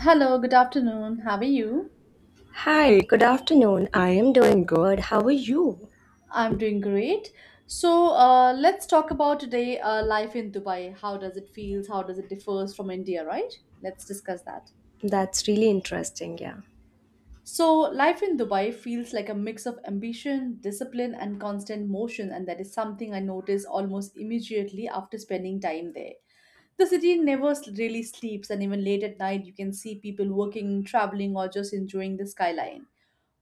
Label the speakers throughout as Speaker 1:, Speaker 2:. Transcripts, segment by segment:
Speaker 1: Hello, good afternoon. How are you?
Speaker 2: Hi, good afternoon. I am doing good. How are you?
Speaker 1: I'm doing great. Let's talk about today life in Dubai. How does it feels? How does it differs from India, right? Let's discuss that.
Speaker 2: That's really interesting. Yeah.
Speaker 1: So, life in Dubai feels like a mix of ambition, discipline, and constant motion, and that is something I noticed almost immediately after spending time there. The city never s- really sleeps, and even late at night, you can see people working, traveling, or just enjoying the skyline.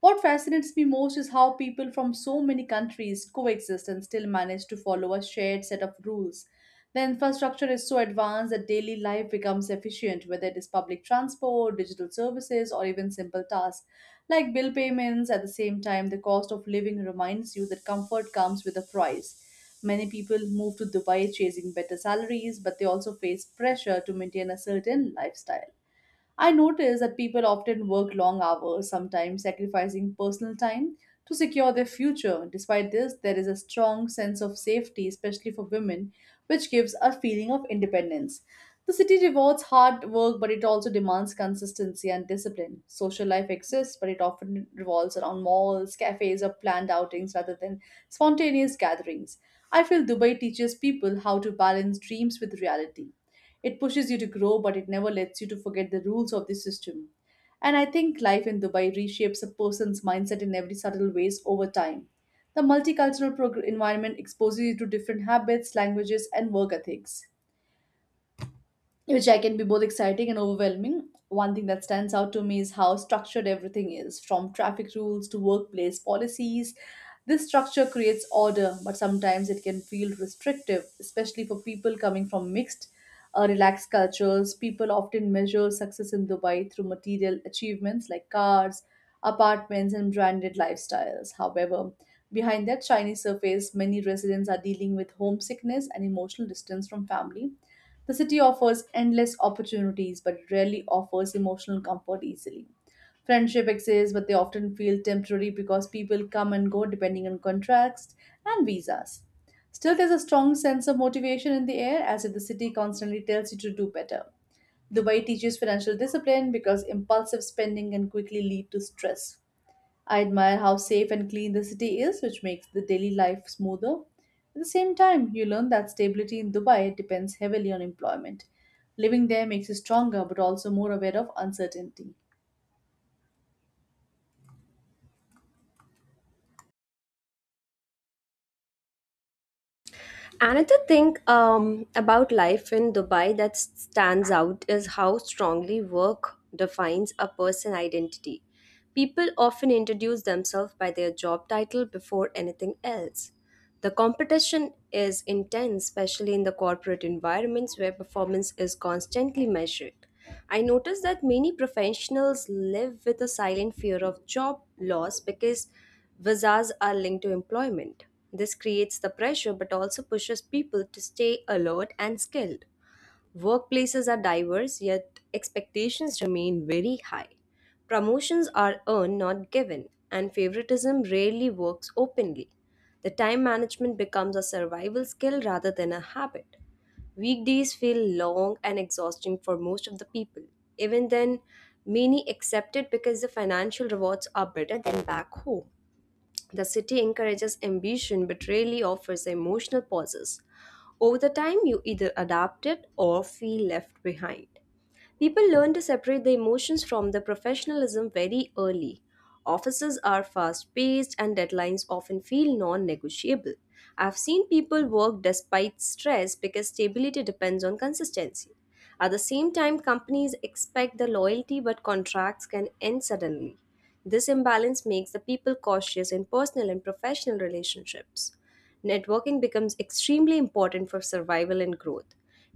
Speaker 1: What fascinates me most is how people from so many countries coexist and still manage to follow a shared set of rules. The infrastructure is so advanced that daily life becomes efficient, whether it is public transport, digital services, or even simple tasks like bill payments. At the same time, the cost of living reminds you that comfort comes with a price. Many people move to Dubai chasing better salaries, but they also face pressure to maintain a certain lifestyle. I notice that people often work long hours, sometimes sacrificing personal time to secure their future. Despite this, there is a strong sense of safety, especially for women, which gives a feeling of independence. The city rewards hard work, but it also demands consistency and discipline. Social life exists, but it often revolves around malls, cafes, or planned outings rather than spontaneous gatherings. I feel Dubai teaches people how to balance dreams with reality. It pushes you to grow, but it never lets you to forget the rules of the system. And I think life in Dubai reshapes a person's mindset in every subtle ways over time. The environment exposes you to different habits, languages, and work ethics which I can be both exciting and overwhelming. One thing that stands out to me is how structured everything is, from traffic rules to workplace policies. This structure creates order, but sometimes it can feel restrictive, especially for people coming from mixed, relaxed cultures. People often measure success in Dubai through material achievements like cars, apartments, and branded lifestyles. However, behind that shiny surface, many residents are dealing with homesickness and emotional distance from family. The city offers endless opportunities but rarely offers emotional comfort easily. Friendship exists, but they often feel temporary because people come and go depending on contracts and visas. Still, there's a strong sense of motivation in the air as if the city constantly tells you to do better. Dubai teaches financial discipline because impulsive spending can quickly lead to stress. I admire how safe and clean the city is, which makes the daily life smoother. At the same time, you learn that stability in Dubai depends heavily on employment. Living there makes you stronger but also more aware of uncertainty.
Speaker 2: Another thing about life in Dubai that stands out is how strongly work defines a person identity. People often introduce themselves by their job title before anything else. The competition is intense, especially in the corporate environments where performance is constantly measured. I noticed that many professionals live with a silent fear of job loss because visas are linked to employment. This creates the pressure but also pushes people to stay alert and skilled. Workplaces are diverse, yet expectations remain very high. Promotions are earned, not given, and favoritism rarely works openly. The time management becomes a survival skill rather than a habit. Weekdays feel long and exhausting for most of the people. Even then, many accept it because the financial rewards are better than back home. The city encourages ambition but rarely offers emotional pauses. Over the time, you either adapt it or feel left behind. People learn to separate the emotions from the professionalism very early. Offices are fast paced and deadlines often feel non negotiable. I've seen people work despite stress because stability depends on consistency. At the same time, companies expect the loyalty, but contracts can end suddenly. This imbalance makes the people cautious in personal and professional relationships. Networking becomes extremely important for survival and growth.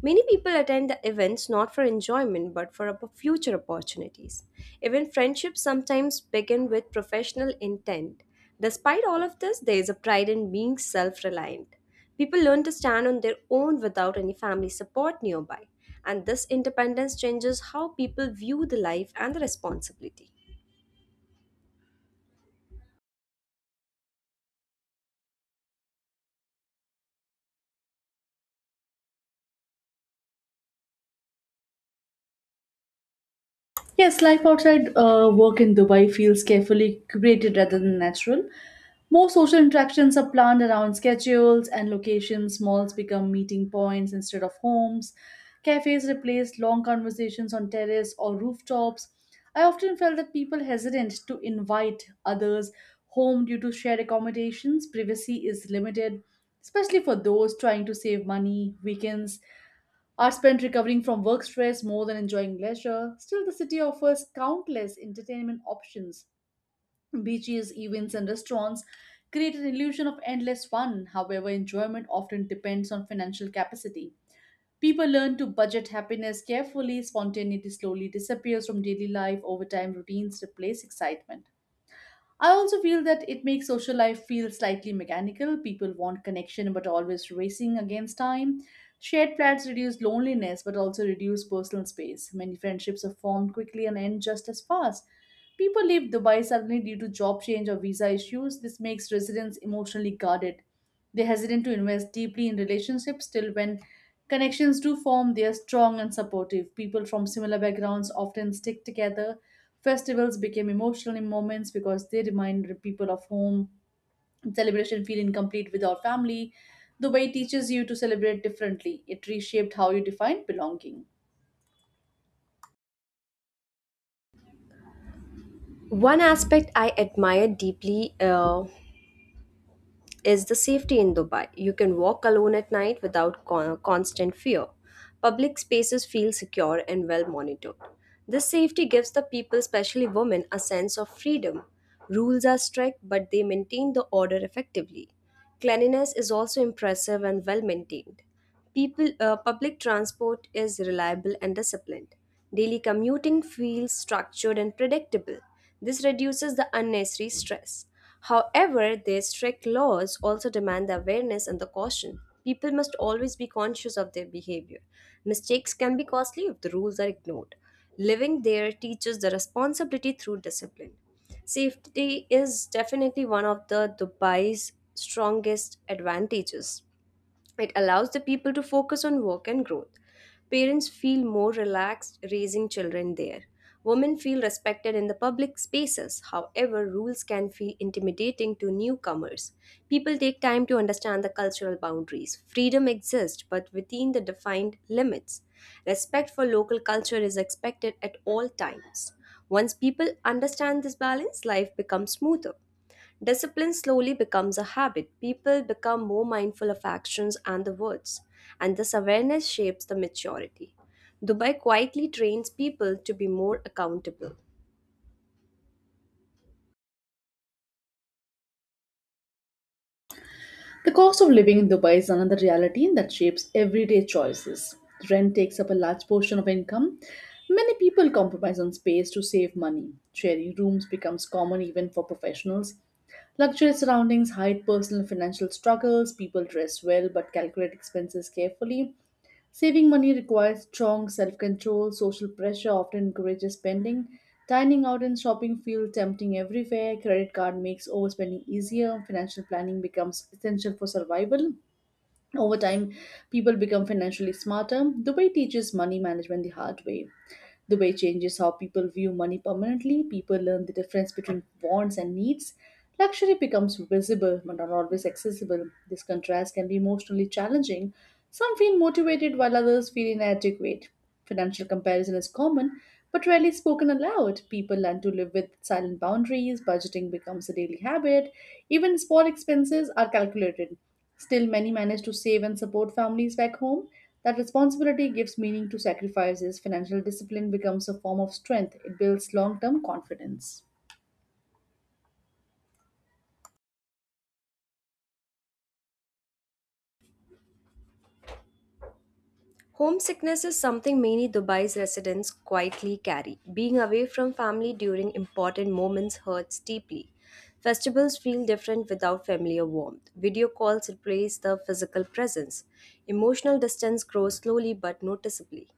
Speaker 2: Many people attend the events not for enjoyment but for future opportunities. Even friendships sometimes begin with professional intent. Despite all of this, there is a pride in being self reliant. People learn to stand on their own without any family support nearby, and this independence changes how people view the life and the responsibility.
Speaker 1: Yes, life outside work in Dubai feels carefully curated rather than natural. More social interactions are planned around schedules and locations. Malls become meeting points instead of homes. Cafes replace long conversations on terrace or rooftops. I often felt that people hesitant to invite others home due to shared accommodations. Privacy is limited, especially for those trying to save money. Weekends are spent recovering from work stress more than enjoying leisure. Still, the city offers countless entertainment options. Beaches, events, and restaurants create an illusion of endless fun. However, enjoyment often depends on financial capacity. People learn to budget happiness carefully, spontaneity slowly disappears from daily life, over time, routines replace excitement. I also feel that it makes social life feel slightly mechanical. People want connection but always racing against time. Shared flats reduce loneliness but also reduce personal space. Many friendships are formed quickly and end just as fast. People leave Dubai suddenly due to job change or visa issues. This makes residents emotionally guarded. They're hesitant to invest deeply in relationships till when connections do form, they are strong and supportive. People from similar backgrounds often stick together. Festivals became emotional in moments because they remind the people of home. Celebration feel incomplete without family. The way teaches you to celebrate differently. It reshaped how you define belonging.
Speaker 2: One aspect I admire deeply is the safety in Dubai. You can walk alone at night without constant fear. Public spaces feel secure and well monitored. This safety gives the people, especially women, a sense of freedom. Rules are strict, but they maintain the order effectively. Cleanliness is also impressive and well maintained. People, public transport is reliable and disciplined. Daily commuting feels structured and predictable. This reduces the unnecessary stress. However, their strict laws also demand the awareness and the caution. People must always be conscious of their behavior. Mistakes can be costly if the rules are ignored. Living there teaches the responsibility through discipline. Safety is definitely one of the Dubai's strongest advantages. It allows the people to focus on work and growth. Parents feel more relaxed raising children there. Women feel respected in the public spaces. However, rules can feel intimidating to newcomers. People take time to understand the cultural boundaries. Freedom exists, but within the defined limits. Respect for local culture is expected at all times. Once people understand this balance, life becomes smoother. Discipline slowly becomes a habit. People become more mindful of actions and the words, and this awareness shapes the maturity. Dubai quietly trains people to be more accountable.
Speaker 1: The cost of living in Dubai is another reality that shapes everyday choices. Rent takes up a large portion of income. Many people compromise on space to save money. Sharing rooms becomes common even for professionals. Luxury surroundings hide personal financial struggles. People dress well but calculate expenses carefully. Saving money requires strong self control, social pressure often encourages spending. Dining out and shopping feel tempting everywhere. Credit card makes overspending easier. Financial planning becomes essential for survival. Over time, people become financially smarter. Dubai teaches money management the hard way. Dubai changes how people view money permanently. People learn the difference between wants and needs. Luxury becomes visible but not always accessible. This contrast can be emotionally challenging. Some feel motivated while others feel inadequate. Financial comparison is common, but rarely spoken aloud. People learn to live with silent boundaries, budgeting becomes a daily habit, even small expenses are calculated. Still, many manage to save and support families back home. That responsibility gives meaning to sacrifices. Financial discipline becomes a form of strength, it builds long term confidence.
Speaker 2: Homesickness is something many Dubai's residents quietly carry. Being away from family during important moments hurts deeply. Festivals feel different without familiar warmth. Video calls replace the physical presence. Emotional distance grows slowly but noticeably.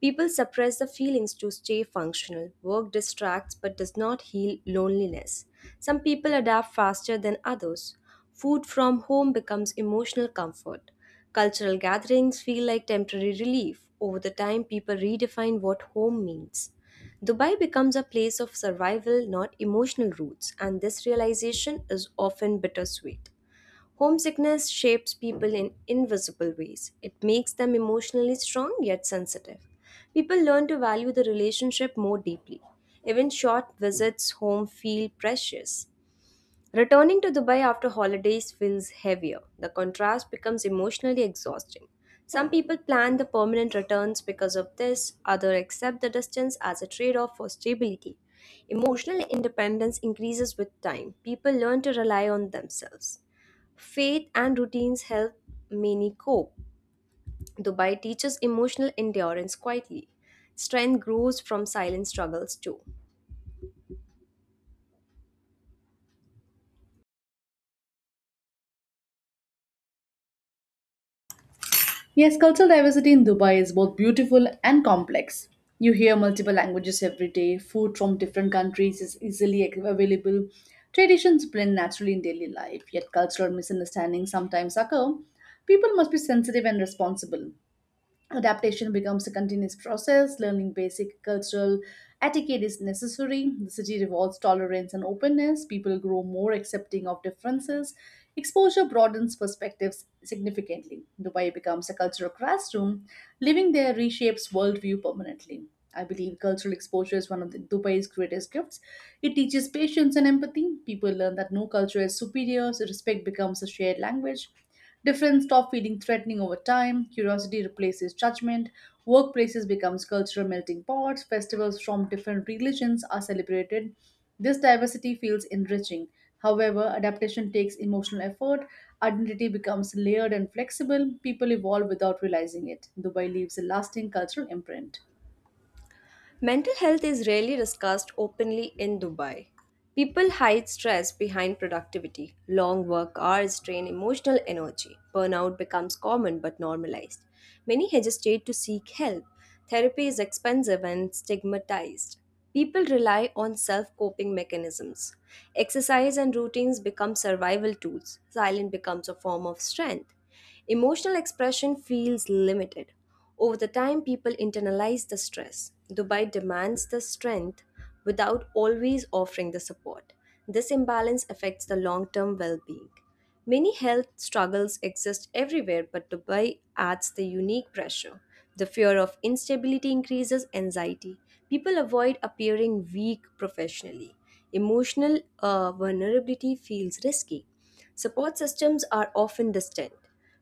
Speaker 2: People suppress the feelings to stay functional. Work distracts but does not heal loneliness. Some people adapt faster than others. Food from home becomes emotional comfort. Cultural gatherings feel like temporary relief. Over the time, people redefine what home means. Dubai becomes a place of survival, not emotional roots, and this realization is often bittersweet. Homesickness shapes people in invisible ways. It makes them emotionally strong yet sensitive. People learn to value the relationship more deeply. Even short visits home feel precious. Returning to Dubai after holidays feels heavier. The contrast becomes emotionally exhausting. Some people plan the permanent returns because of this, others accept the distance as a trade off for stability. Emotional independence increases with time. People learn to rely on themselves. Faith and routines help many cope. Dubai teaches emotional endurance quietly. Strength grows from silent struggles too.
Speaker 1: Yes, cultural diversity in Dubai is both beautiful and complex. You hear multiple languages every day, food from different countries is available, traditions blend naturally in daily life, yet cultural misunderstandings sometimes occur. People must be sensitive and responsible. Adaptation becomes a continuous process. Learning basic cultural etiquette is necessary. The city rewards tolerance and openness. People grow more accepting of differences. Exposure broadens perspectives significantly. Dubai becomes a cultural classroom. Living there reshapes worldview permanently. I believe cultural exposure is one of the, Dubai's greatest gifts. It teaches patience and empathy. People learn that no culture is superior, so respect becomes a shared language. Difference stop feeling threatening over time. Curiosity replaces judgment. Workplaces becomes cultural melting pots. Festivals from different religions are celebrated. This diversity feels enriching. However, adaptation takes emotional effort. Identity becomes layered and flexible. People evolve without realizing it. Dubai leaves a lasting cultural imprint.
Speaker 2: Mental health is rarely discussed openly in Dubai. People hide stress behind productivity. Long work hours drain emotional energy. Burnout becomes common but normalized. Many hesitate to seek help. Therapy is expensive and stigmatized. People rely on self coping mechanisms. Exercise and routines become survival tools. Silence becomes a form of strength. Emotional expression feels limited. Over the time, people internalize the stress. Dubai demands the strength without always offering the support. This imbalance affects the long term well being. Many health struggles exist everywhere, but Dubai adds the unique pressure. The fear of instability increases anxiety. People avoid appearing weak professionally. Emotional vulnerability feels risky. Support systems are often distant.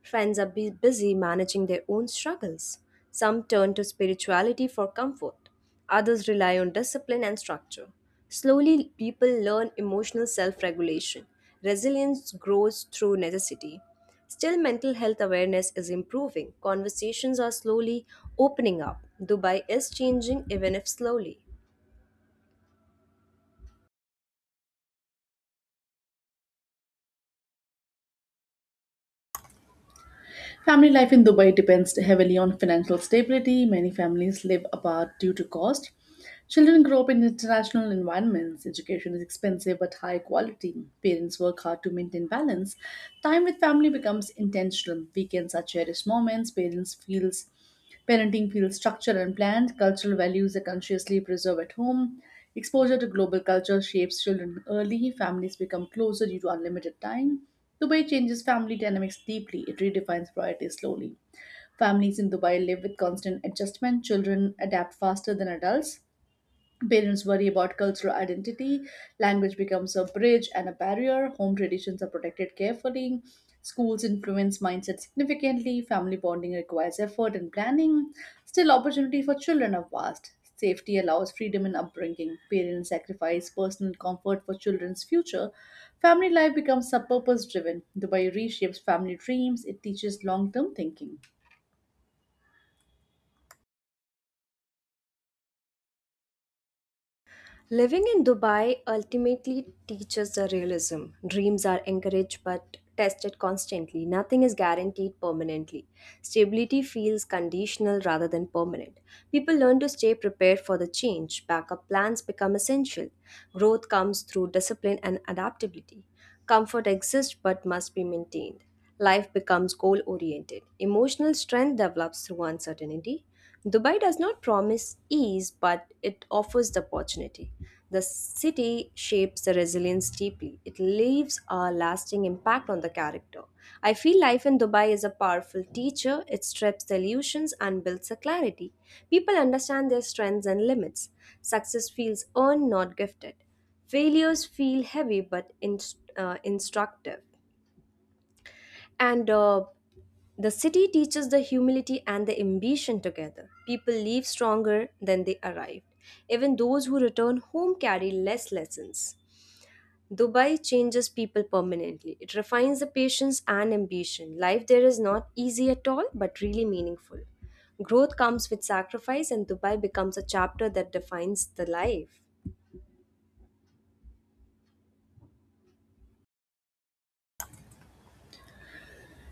Speaker 2: Friends are busy managing their own struggles. Some turn to spirituality for comfort, others rely on discipline and structure. Slowly, people learn emotional self regulation. Resilience grows through necessity. Still, mental health awareness is improving. Conversations are slowly opening up. Dubai is changing, even if slowly.
Speaker 1: Family life in Dubai depends heavily on financial stability. Many families live apart due to cost. Children grow up in international environments. Education is expensive but high quality. Parents work hard to maintain balance. Time with family becomes intentional. Weekends are cherished moments. Parents feels Parenting feels structured and planned. Cultural values are consciously preserved at home. Exposure to global culture shapes children early. Families become closer due to unlimited time. Dubai changes family dynamics deeply. It redefines priorities slowly. Families in Dubai live with constant adjustment. Children adapt faster than adults. Parents worry about cultural identity. Language becomes a bridge and a barrier. Home traditions are protected carefully. Schools influence mindset significantly. Family bonding requires effort and planning. Still, opportunity for children are vast. Safety allows freedom in upbringing. Parents sacrifice personal comfort for children's future. Family life becomes purpose driven. Dubai reshapes family dreams. It teaches long term thinking.
Speaker 2: Living in Dubai ultimately teaches the realism. Dreams are encouraged but tested constantly. Nothing is guaranteed permanently. Stability feels conditional rather than permanent. People learn to stay prepared for the change. Backup plans become essential. Growth comes through discipline and adaptability. Comfort exists but must be maintained. Life becomes goal oriented. Emotional strength develops through uncertainty. Dubai does not promise ease, but it offers the opportunity. The city shapes the resilience deeply. It leaves a lasting impact on the character. I feel life in Dubai is a powerful teacher. It strips the illusions and builds a clarity. People understand their strengths and limits. Success feels earned, not gifted. Failures feel heavy but instructive. And The city teaches the humility and the ambition together. People leave stronger than they arrived. Even those who return home carry less lessons. Dubai changes people permanently. It refines the patience and ambition. Life there is not easy at all, but really meaningful. Growth comes with sacrifice, and Dubai becomes a chapter that defines the life.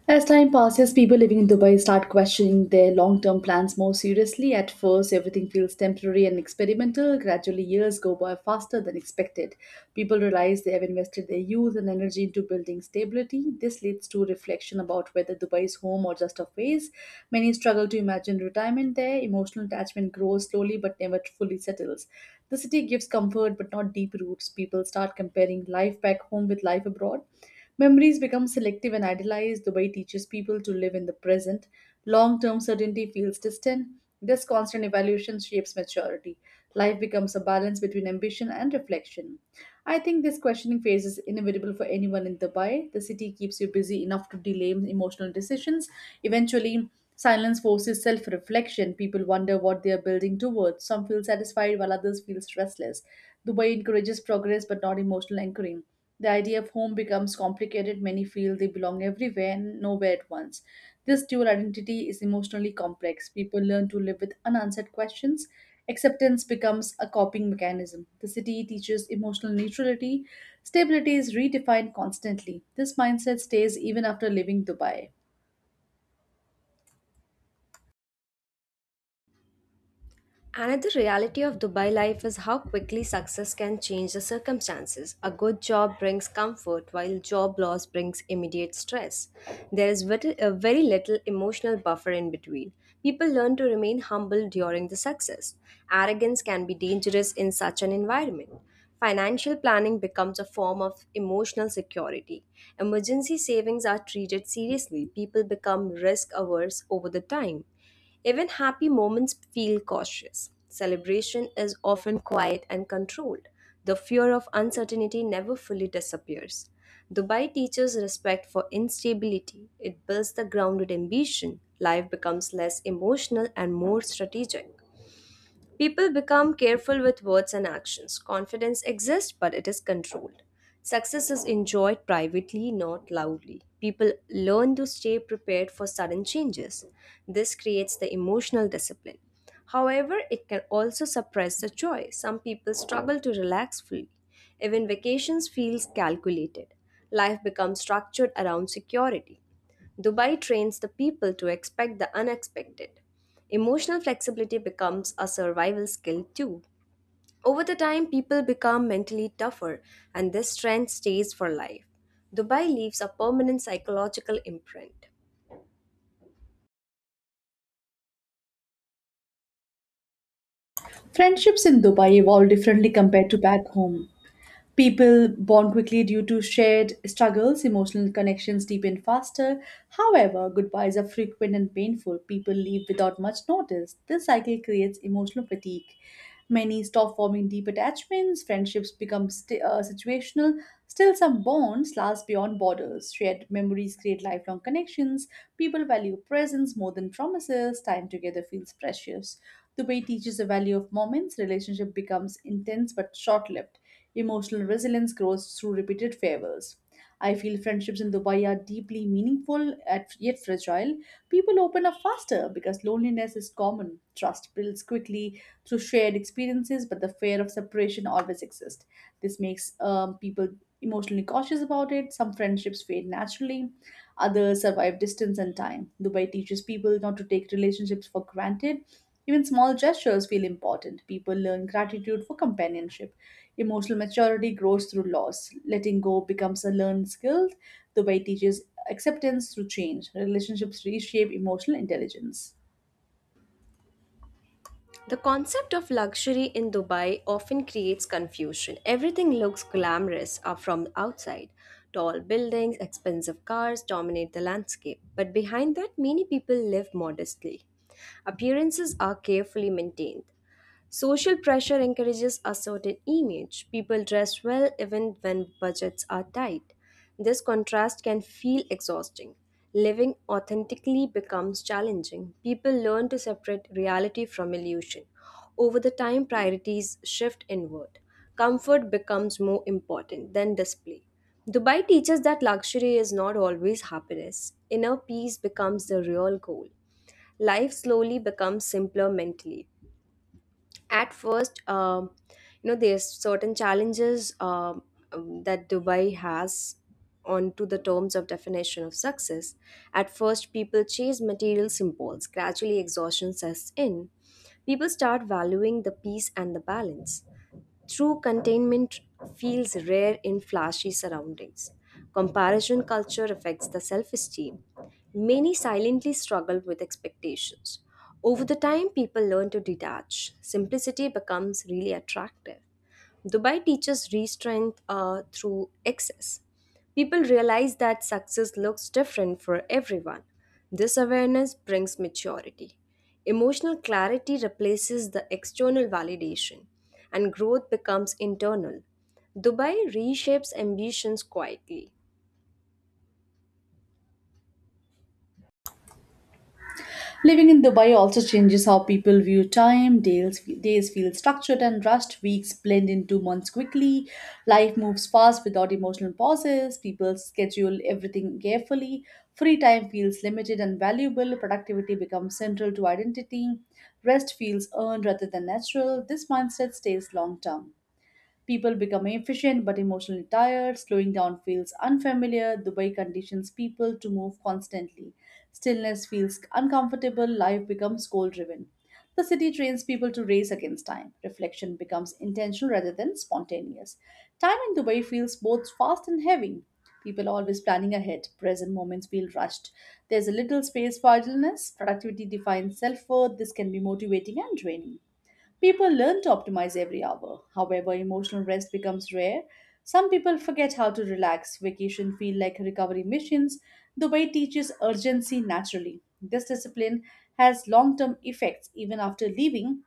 Speaker 1: As time passes, people living in Dubai start questioning their long term plans more seriously. At first, everything feels temporary and experimental. Gradually, years go by faster than expected. People realize they have invested their youth and energy into building stability. This leads to reflection about whether Dubai is home or just a phase. Many struggle to imagine retirement there. Emotional attachment grows slowly but never fully settles. The city gives comfort but not deep roots. People start comparing life back home with life abroad. Memories become selective and idealized. Dubai teaches people to live in the present. Long term certainty feels distant. This constant evaluation shapes maturity. Life becomes a balance between ambition and reflection. I think this questioning phase is inevitable for anyone in Dubai. The city keeps you busy enough to delay emotional decisions. Eventually, silence forces self reflection. People wonder what they are building towards. Some feel satisfied while others feel restless. Dubai encourages progress but not emotional anchoring. The idea of home becomes complicated. Many feel they belong everywhere and nowhere at once. This dual identity is emotionally complex. People learn to live with unanswered questions. Acceptance becomes a coping mechanism. The city teaches emotional neutrality. Stability is redefined constantly. This mindset stays even after leaving Dubai.
Speaker 2: Another reality of Dubai life is how quickly success can change the circumstances. A good job brings comfort, while job loss brings immediate stress. There is very little emotional buffer in between. People learn to remain humble during the success. Arrogance can be dangerous in such an environment. Financial planning becomes a form of emotional security. Emergency savings are treated seriously. People become risk averse over the time. Even happy moments feel cautious. Celebration is often quiet and controlled. The fear of uncertainty never fully disappears. Dubai teaches respect for instability. It builds the grounded ambition. Life becomes less emotional and more strategic. People become careful with words and actions. Confidence exists, but it is controlled. Success is enjoyed privately, not loudly. People learn to stay prepared for sudden changes. This creates the emotional discipline. However, it can also suppress the joy. Some people struggle to relax fully. Even vacations feels calculated. Life becomes structured around security. Dubai trains the people to expect the unexpected. Emotional flexibility becomes a survival skill too. Over the time, people become mentally tougher, and this trend stays for life. Dubai leaves a permanent psychological imprint.
Speaker 1: Friendships in Dubai evolve differently compared to back home. People bond quickly due to shared struggles, emotional connections deepen faster. However, goodbyes are frequent and painful. People leave without much notice. This cycle creates emotional fatigue. Many stop forming deep attachments, situational. Still, some bonds last beyond borders. Shared memories create lifelong connections. People value presence more than promises. Time together feels precious. The way teaches the value of moments, relationship becomes intense but short-lived. Emotional resilience grows through repeated farewells. I feel friendships in Dubai are deeply yet fragile. People open up faster because loneliness is common. Trust builds quickly through shared experiences, but the fear of separation always exists. This makes people emotionally cautious about it. Some friendships fade naturally, others survive distance and time. Dubai teaches people not to take relationships for granted. Even small gestures feel important. People learn gratitude for companionship. Emotional maturity grows through loss. Letting go becomes a learned skill. Dubai teaches acceptance through change. Relationships reshape emotional intelligence.
Speaker 2: The concept of luxury in Dubai often creates confusion. Everything looks glamorous from outside. Tall buildings, expensive cars dominate the landscape, but behind that, many people live modestly. Appearances are carefully maintained. Social pressure encourages a certain image. People dress well even when budgets are tight. This contrast can feel exhausting. Living authentically becomes challenging. People learn to separate reality from illusion. Over the time, priorities shift inward. Comfort becomes more important than display. Dubai teaches that luxury is not always happiness. Inner peace becomes the real goal. Life slowly becomes simpler mentally. At first you know there's certain challenges that Dubai has onto the terms of definition of success. At first people chase material symbols, gradually exhaustion sets in, people start valuing the peace and the balance. True containment feels rare in flashy surroundings. Comparison culture affects the self esteem. Many silently struggle with expectations. Over the time, people learn to detach. Simplicity becomes really attractive. Dubai teaches restraint through excess. People realize that success looks different for everyone. This awareness brings maturity. Emotional clarity replaces the external validation, and growth becomes internal. Dubai reshapes ambitions quietly.
Speaker 1: Living in Dubai also changes how people view time. Days feel structured and rushed. Weeks blend into months quickly. Life moves fast without emotional pauses. People schedule everything carefully. Free time feels limited and valuable. Productivity becomes central to identity. Rest feels earned rather than natural. This mindset stays long term. People become efficient but emotionally tired. Slowing down feels unfamiliar. Dubai conditions people to move constantly. Stillness feels uncomfortable. Life becomes goal driven. The city trains people to race against time. Reflection becomes intentional rather than spontaneous. Time in Dubai feels both fast and heavy. People are always planning ahead. Present moments feel rushed. There's a little space for idleness. Productivity defines self worth. This can be motivating and draining. People learn to optimize every hour. However, emotional rest becomes rare. Some people forget how to relax. Vacation feel like recovery missions. The way teaches urgency naturally. This discipline has long-term effects even after leaving.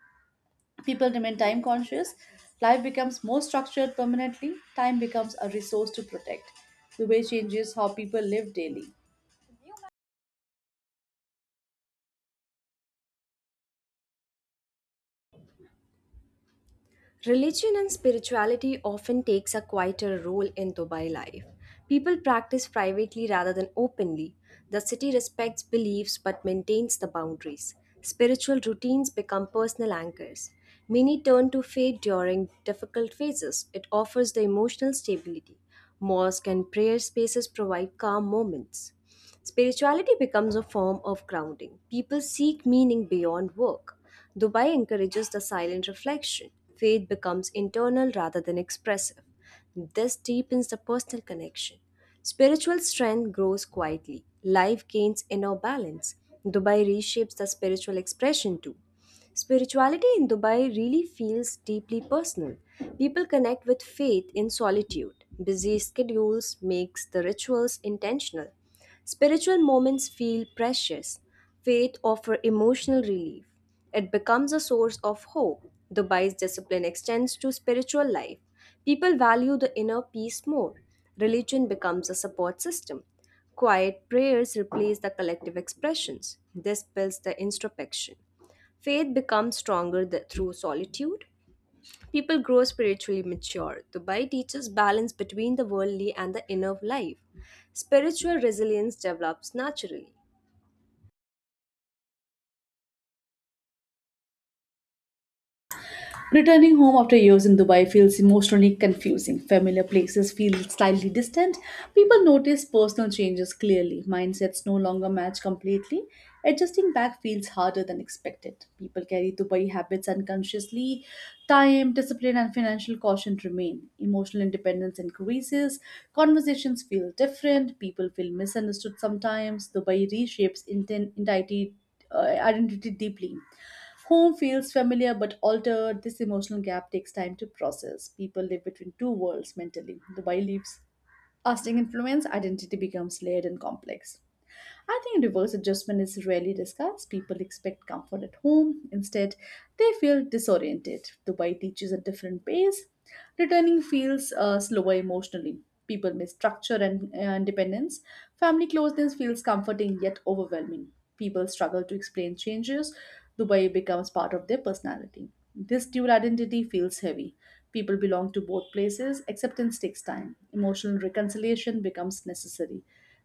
Speaker 1: People remain time conscious. Life becomes more structured permanently. Time becomes a resource to protect. The way changes how people live daily.
Speaker 2: Religion and spirituality often takes a quieter role in Dubai life. People practice privately rather than openly. The city respects beliefs but maintains the boundaries. Spiritual routines become personal anchors. Many turn to faith during difficult phases. It offers the emotional stability. Mosque and prayer spaces provide calm moments. Spirituality becomes a form of grounding. People seek meaning beyond work. Dubai encourages the silent reflection. Faith becomes internal rather than expressive. This deepens the personal connection. Spiritual strength grows quietly. Life gains inner balance. Dubai reshapes the spiritual expression too. Spirituality in Dubai really feels deeply personal. People connect with faith in solitude. Busy schedules makes the rituals intentional. Spiritual moments feel precious. Faith offers emotional relief. It becomes a source of hope. Dubai's discipline extends to spiritual life. People value the inner peace more. Religion becomes a support system. Quiet prayers replace the collective expressions. This builds the introspection. Faith becomes stronger through solitude. People grow spiritually mature. Dubai teaches balance between the worldly and the inner life. Spiritual resilience develops naturally.
Speaker 1: Returning home after years in Dubai feels emotionally confusing. Familiar places feel slightly distant. People notice personal changes clearly. Mindsets no longer match completely. Adjusting back feels harder than expected. People carry Dubai habits unconsciously. Time, discipline, and financial caution remain. Emotional independence increases. Conversations feel different. People feel misunderstood sometimes. Dubai reshapes uh, identity deeply. Home feels familiar but altered. This emotional gap takes time to process. People live between two worlds mentally. Dubai leaves lasting influence, identity becomes layered and complex. I think reverse adjustment is rarely discussed. People expect comfort at home. Instead, they feel disoriented. Dubai teaches a different pace. Returning feels slower emotionally. People miss structure and independence. Family closeness feels comforting yet overwhelming. People struggle to explain changes. Dubai becomes part of their personality. This dual identity feels heavy. People belong to both places. Acceptance takes time. Emotional reconciliation becomes necessary.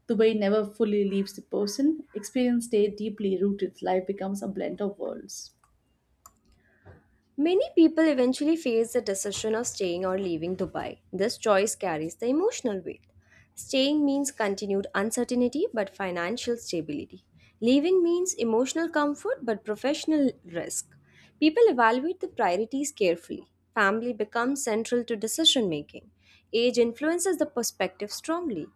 Speaker 1: The way never fully leaves the person. Experience stay deeply rooted. Life becomes a blend of worlds.
Speaker 2: Many people eventually face the decision of staying or leaving Dubai. This choice carries the emotional weight. Staying means continued uncertainty but financial stability. Leaving means emotional comfort but professional risk. People evaluate the priorities carefully. Family becomes central to decision making. Age influences the perspective strongly.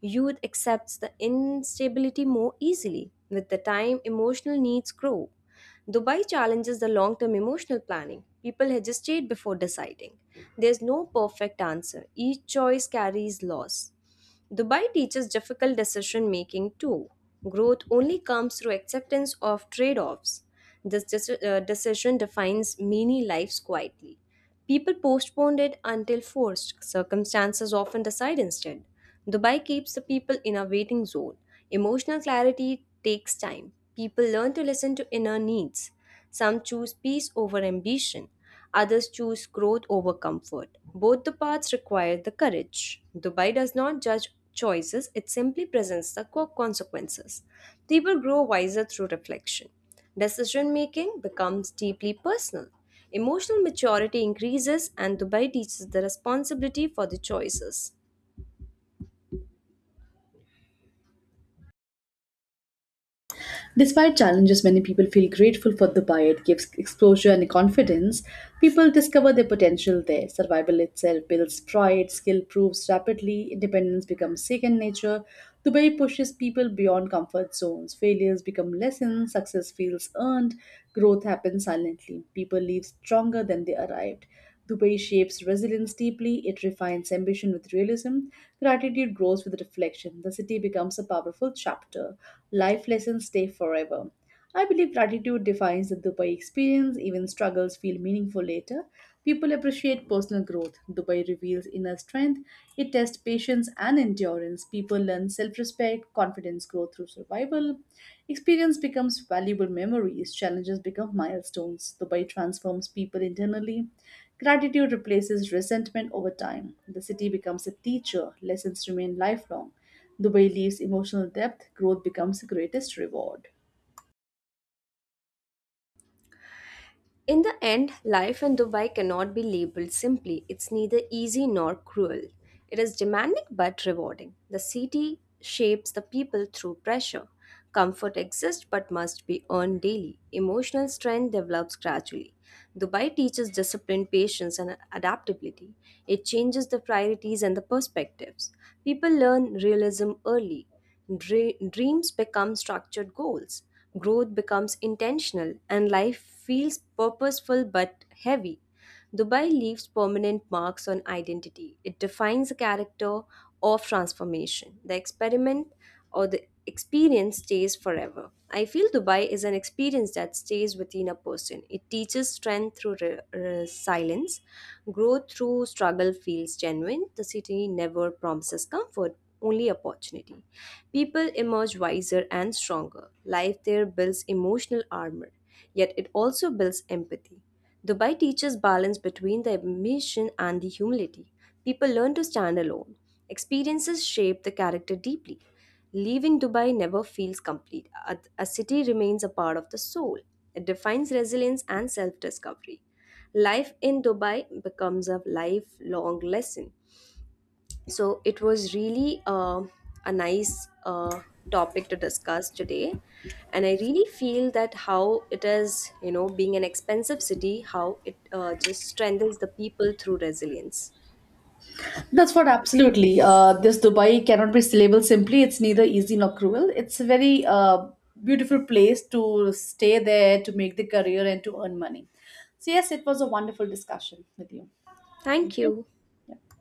Speaker 2: Youth accepts the instability more easily. With the time, emotional needs grow. Dubai challenges the long term emotional planning. People hesitate before deciding. There's no perfect answer, each choice carries loss. Dubai teaches difficult decision making too. Growth only comes through acceptance of trade offs. This decision defines many lives quietly. People postponed it until forced. Circumstances often decide instead. Dubai keeps the people in a waiting zone. Emotional clarity takes time. People learn to listen to inner needs. Some choose peace over ambition. Others choose growth over comfort. Both the paths require the courage. Dubai does not judge choices, it simply presents the consequences. People grow wiser through reflection. Decision making becomes deeply personal. Emotional maturity increases, and Dubai teaches the responsibility for the choices.
Speaker 1: Despite challenges, many people feel grateful for Dubai. It gives exposure and confidence. People discover their potential there. Survival itself builds pride, skill proves rapidly, independence becomes second nature. Dubai pushes people beyond comfort zones. Failures become lessons, success feels earned, growth happens silently. People leave stronger than they arrived. Dubai shapes resilience deeply, it refines ambition with realism, gratitude grows with reflection. The city becomes a powerful chapter. Life lessons stay forever. I believe gratitude defines the Dubai experience. Even struggles feel meaningful later. People appreciate personal growth. Dubai reveals inner strength. It tests patience and endurance. People learn self respect, confidence growth through survival. Experience becomes valuable memories. Challenges become milestones. Dubai transforms people internally. Gratitude replaces resentment over time. The city becomes a teacher. Lessons remain lifelong. Dubai leaves emotional depth. Growth becomes the greatest reward.
Speaker 2: In the end, life in Dubai cannot be labeled simply. It's neither easy nor cruel. It is demanding but rewarding. The city shapes the people through pressure. Comfort exists but must be earned daily. Emotional strength develops gradually. Dubai teaches discipline, patience, and adaptability. It changes the priorities and the perspectives. People learn realism early. Dreams become structured goals, growth becomes intentional, and life feels purposeful but heavy. Dubai leaves permanent marks on identity. It defines a character of transformation. The experiment or the experience stays forever. I feel Dubai is an experience that stays within a person. It teaches strength through resilience, growth through struggle feels genuine. The city never promises comfort, only opportunity. People emerge wiser and stronger. Life there builds emotional armor, yet it also builds empathy. Dubai teaches balance between the ambition and the humility. People learn to stand alone. Experiences shape the character deeply. Leaving Dubai never feels complete. A city remains a part of the soul. It defines resilience and self discovery. Life in Dubai becomes a lifelong lesson. So it was really a nice topic to discuss today, and I really feel that how it is, you know, being an expensive city, how it just strengthens the people through resilience.
Speaker 1: That's what absolutely. This Dubai cannot be labeled simply. It's neither easy nor cruel. It's a very beautiful place to stay there, to make the career, and to earn money. So, yes, it was a wonderful discussion with you.
Speaker 2: Thank
Speaker 1: Thank you.
Speaker 2: you.
Speaker 1: Yeah.